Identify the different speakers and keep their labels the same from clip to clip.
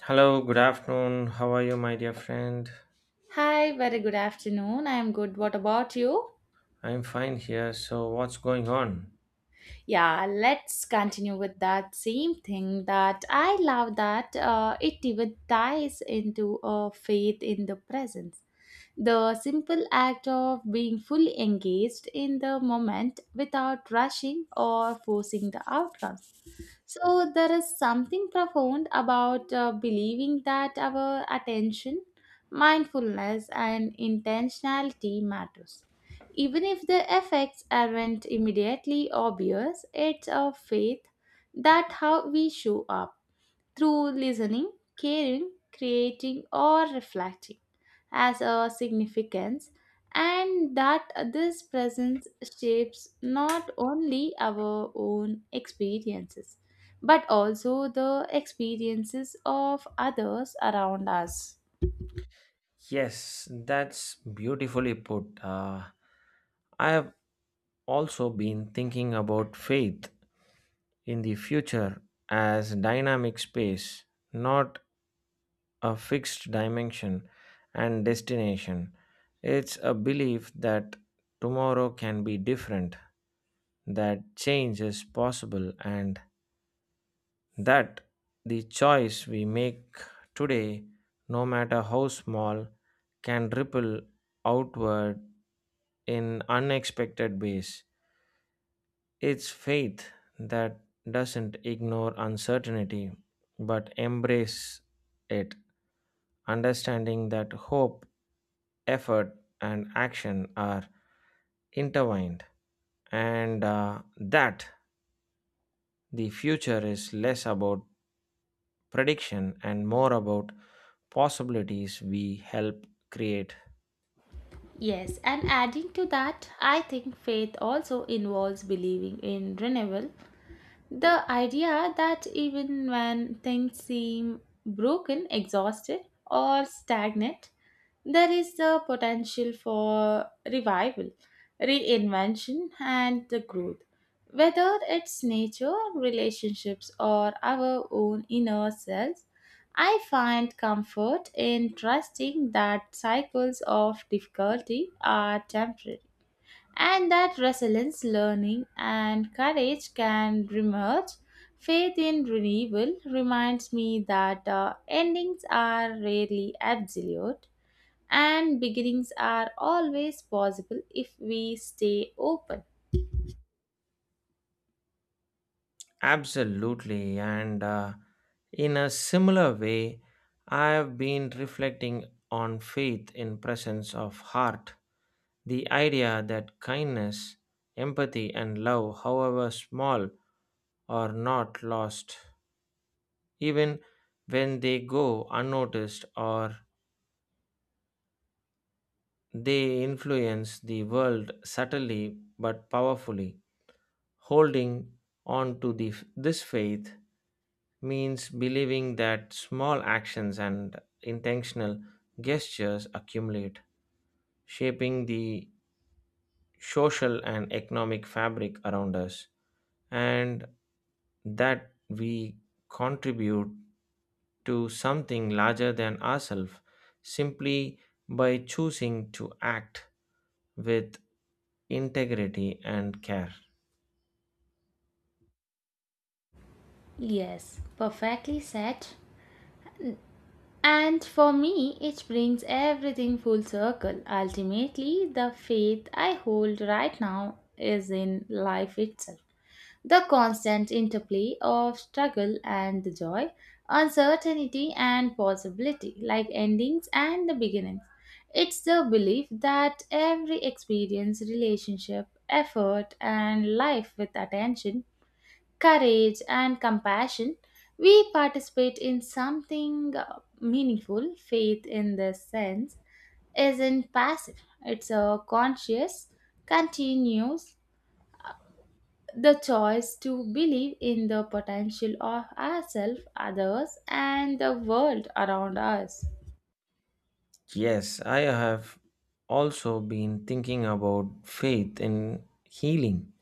Speaker 1: Hello, good afternoon. How are you, my dear friend?
Speaker 2: Hi, very good afternoon. I am good. What about you?
Speaker 1: I'm fine here. So, what's going on?
Speaker 2: Yeah, let's continue with that same thing that I love that it even ties into a faith in the presence. The simple act of being fully engaged in the moment without rushing or forcing the outcomes. So, there is something profound about believing that our attention, mindfulness, and intentionality matters. Even if the effects aren't immediately obvious, it's a faith that how we show up through listening, caring, creating, or reflecting as a significance, and that this presence shapes not only our own experiences but also the experiences of others around us.
Speaker 1: Yes, that's beautifully put. I have also been thinking about faith in the future as dynamic space, not a fixed dimension and destination. It's a belief that tomorrow can be different, that change is possible, and that the choice we make today, no matter how small, can ripple outward in unexpected ways. It's faith that doesn't ignore uncertainty but embrace it, understanding that hope, effort, and action are intertwined, and that the future is less about prediction and more about possibilities we help create.
Speaker 2: Yes, and adding to that, I think faith also involves believing in renewal. The idea that even when things seem broken, exhausted, or stagnant, there is the potential for revival, reinvention, and the growth. Whether it's nature, relationships, or our own inner selves, I find comfort in trusting that cycles of difficulty are temporary and that resilience, learning, and courage can remerge. Faith in renewal reminds me that endings are rarely absolute and beginnings are always possible if we stay open.
Speaker 1: Absolutely. And in a similar way, I have been reflecting on faith in presence of heart. The idea that kindness, empathy, and love, however small, are not lost, even when they go unnoticed or they influence the world subtly but powerfully. Holding on to this faith means believing that small actions and intentional gestures accumulate, shaping the social and economic fabric around us, and that we contribute to something larger than ourselves simply by choosing to act with integrity and care.
Speaker 2: Yes, perfectly said. And for me, it brings everything full circle. Ultimately, the faith I hold right now is in life itself. The constant interplay of struggle and the joy, uncertainty and possibility, like endings and the beginnings. It's the belief that every experience, relationship, effort, and life with attention, courage, and compassion, we participate in something meaningful. Faith, in this sense, isn't passive, it's a conscious, continuous the choice to believe in the potential of ourselves, others, and the world around us.
Speaker 1: Yes, I have also been thinking about faith in healing,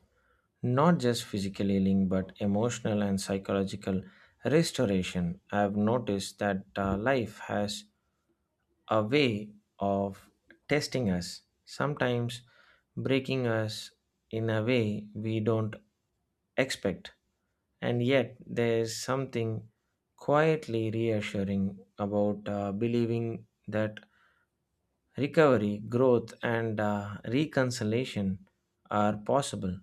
Speaker 1: not just physical healing, but emotional and psychological restoration. I have noticed that life has a way of testing us, sometimes breaking us in a way we don't expect. And yet, there's something quietly reassuring about believing that recovery, growth, and reconciliation are possible.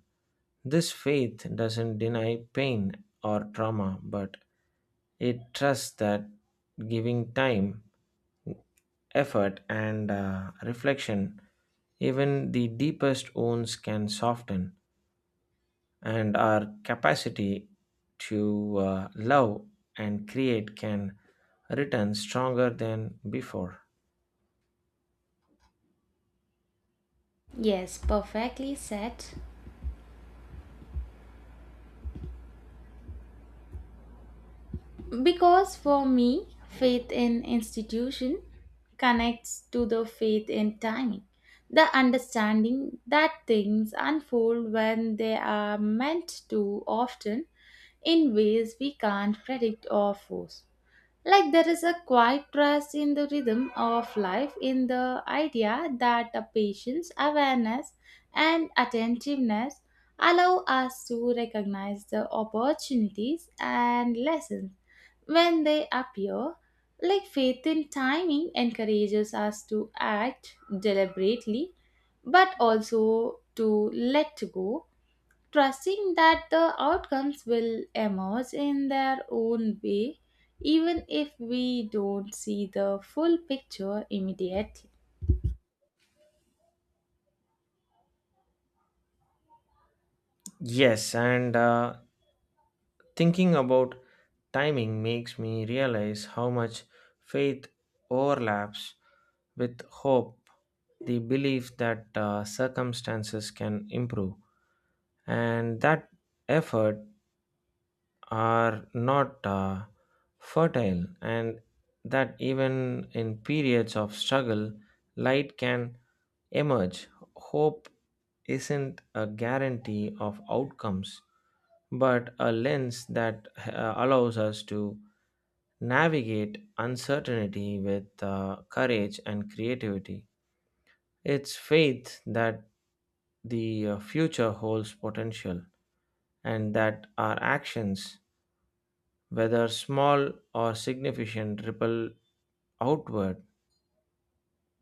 Speaker 1: This faith doesn't deny pain or trauma, but it trusts that giving time effort and reflection, even the deepest wounds can soften, and our capacity to love and create can return stronger than before.
Speaker 2: Yes, perfectly said. Because for me, faith in institution connects to the faith in timing, the understanding that things unfold when they are meant to, often in ways we can't predict or force. Like there is a quiet trust in the rhythm of life, in the idea that the patience, awareness, and attentiveness allow us to recognize the opportunities and lessons when they appear. Like faith in timing encourages us to act deliberately, but also to let go trusting that the outcomes will emerge in their own way, even if we don't see the full picture immediately.
Speaker 1: Yes, and thinking about timing makes me realize how much faith overlaps with hope, the belief that circumstances can improve, and that effort are not fertile, and that even in periods of struggle, light can emerge. Hope isn't a guarantee of outcomes, but a lens that allows us to navigate uncertainty with courage and creativity. It's faith that the future holds potential and that our actions whether small or significant, ripple outward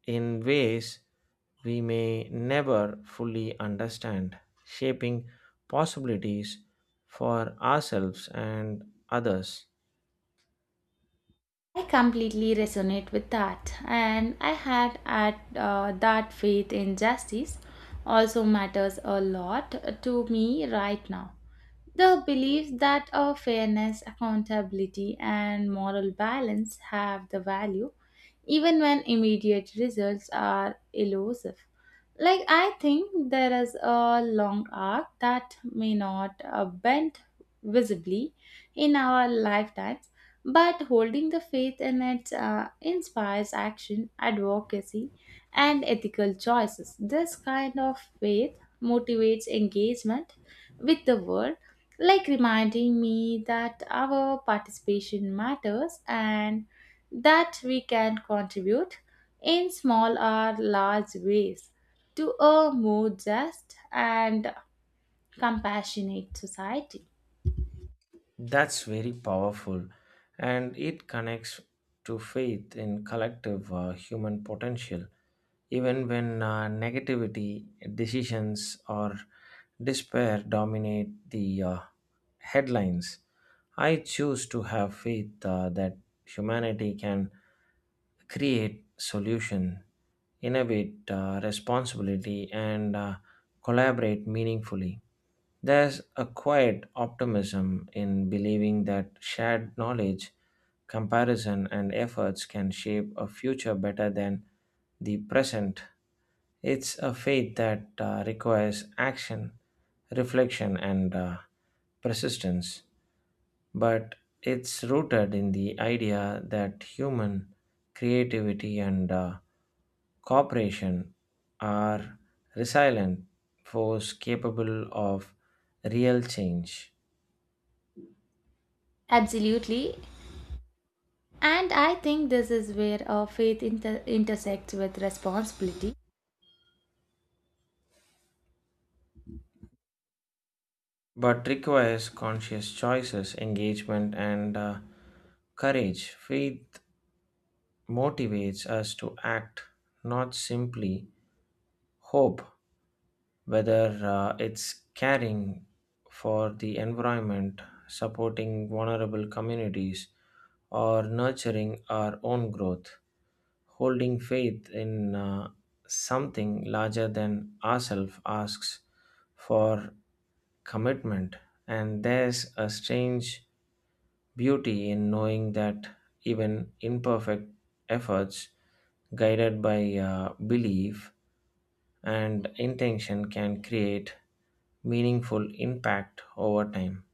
Speaker 1: in ways we may never fully understand, shaping possibilities for ourselves and others.
Speaker 2: I completely resonate with that, and I had at that faith in justice also matters a lot to me right now. The belief that a fairness, accountability, and moral balance have the value, even when immediate results are elusive. Like, I think there is a long arc that may not bend visibly in our lifetimes, but holding the faith in it inspires action, advocacy, and ethical choices. This kind of faith motivates engagement with the world, like reminding me that our participation matters and that we can contribute in small or large ways to a more just and compassionate society.
Speaker 1: That's very powerful, and it connects to faith in collective human potential, even when negativity, decisions, or despair dominate the headlines. I choose to have faith that humanity can create solution, innovate responsibility, and collaborate meaningfully. There's a quiet optimism in believing that shared knowledge, comparison, and efforts can shape a future better than the present. It's a faith that requires action, reflection, and persistence but it's rooted in the idea that human creativity and cooperation are resilient force capable of real change
Speaker 2: Absolutely. And I think this is where our intersects with responsibility.
Speaker 1: but requires conscious choices engagement and courage faith motivates us to act not simply hope whether it's caring for the environment, supporting vulnerable communities, or nurturing our own growth. Holding faith in something larger than ourselves asks for commitment, and there's a strange beauty in knowing that even imperfect efforts guided by belief and intention can create meaningful impact over time.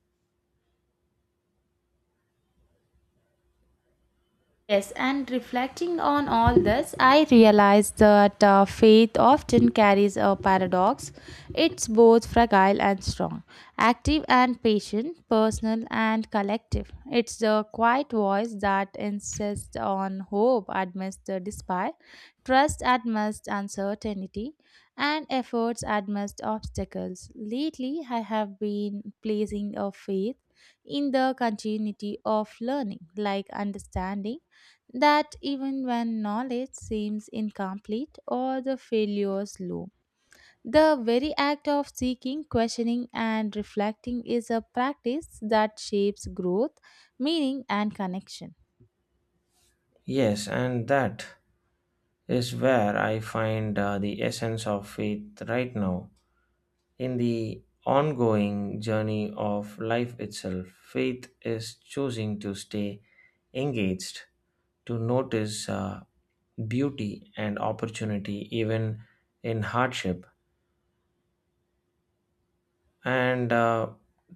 Speaker 2: Yes, and reflecting on all this, I realized that faith often carries a paradox. It's both fragile and strong, active and patient, personal and collective. It's the quiet voice that insists on hope amidst the despair, trust amidst uncertainty, and efforts amidst obstacles. Lately, I have been placing a faith in the continuity of learning, like understanding that even when knowledge seems incomplete or the failures loom. The very act of seeking, questioning, and reflecting is a practice that shapes growth, meaning, and connection.
Speaker 1: Yes, and that is where I find the essence of faith right now. In the ongoing journey of life itself, faith is choosing to stay engaged, to notice beauty and opportunity even in hardship, and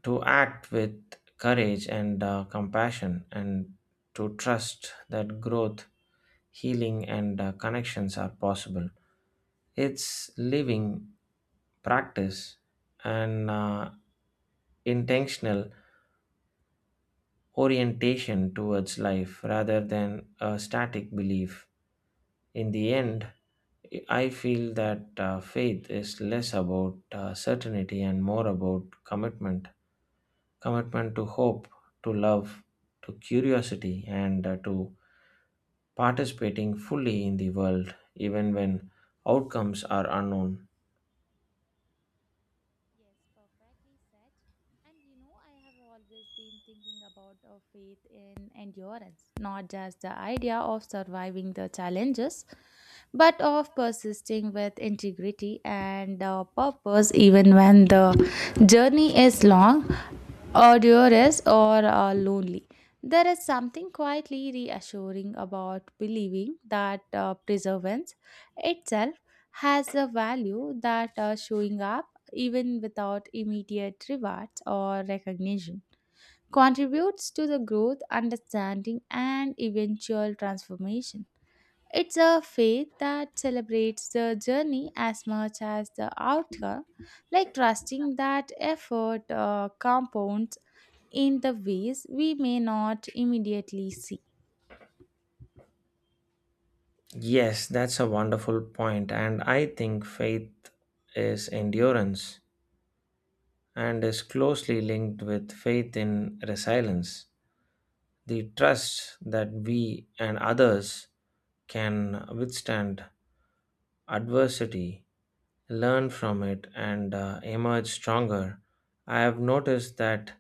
Speaker 1: to act with courage and compassion, and to trust that growth healing, and connections are possible. It's living practice and intentional orientation towards life rather than a static belief. In the end, I feel that faith is less about certainty and more about commitment commitment to hope, to love, to curiosity, and to participating fully in the world even when outcomes are unknown.
Speaker 2: Yes, perfectly said. And you know, I have always been thinking about our faith in endurance, not just the idea of surviving the challenges, but of persisting with integrity and purpose even when the journey is long or or are lonely. There is something quietly reassuring about believing that perseverance itself has a value that showing up even without immediate rewards or recognition contributes to the growth, understanding, and eventual transformation. It's a faith that celebrates the journey as much as the outcome, like trusting that effort compounds in the ways we may not immediately see.
Speaker 1: Yes, that's a wonderful point, and I think faith is endurance and is closely linked with faith in resilience. The trust that we and others can withstand adversity learn from it, and emerge stronger. I have noticed that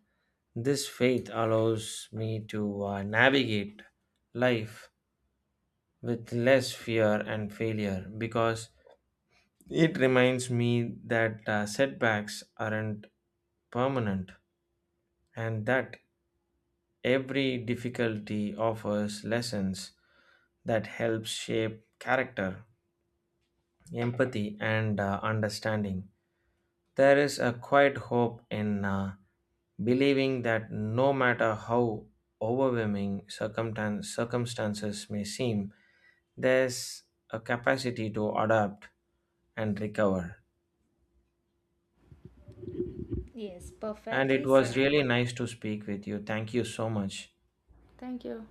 Speaker 1: this faith allows me to navigate life with less fear and failure because it reminds me that setbacks aren't permanent and that every difficulty offers lessons that help shape character, empathy, and understanding. There is a quiet hope in believing that no matter how overwhelming circumstances may seem, there's a capacity to adapt and recover.
Speaker 2: Yes,
Speaker 1: And it
Speaker 2: perfectly
Speaker 1: was
Speaker 2: said.
Speaker 1: really nice to speak with you. Thank you so much.
Speaker 2: Thank you.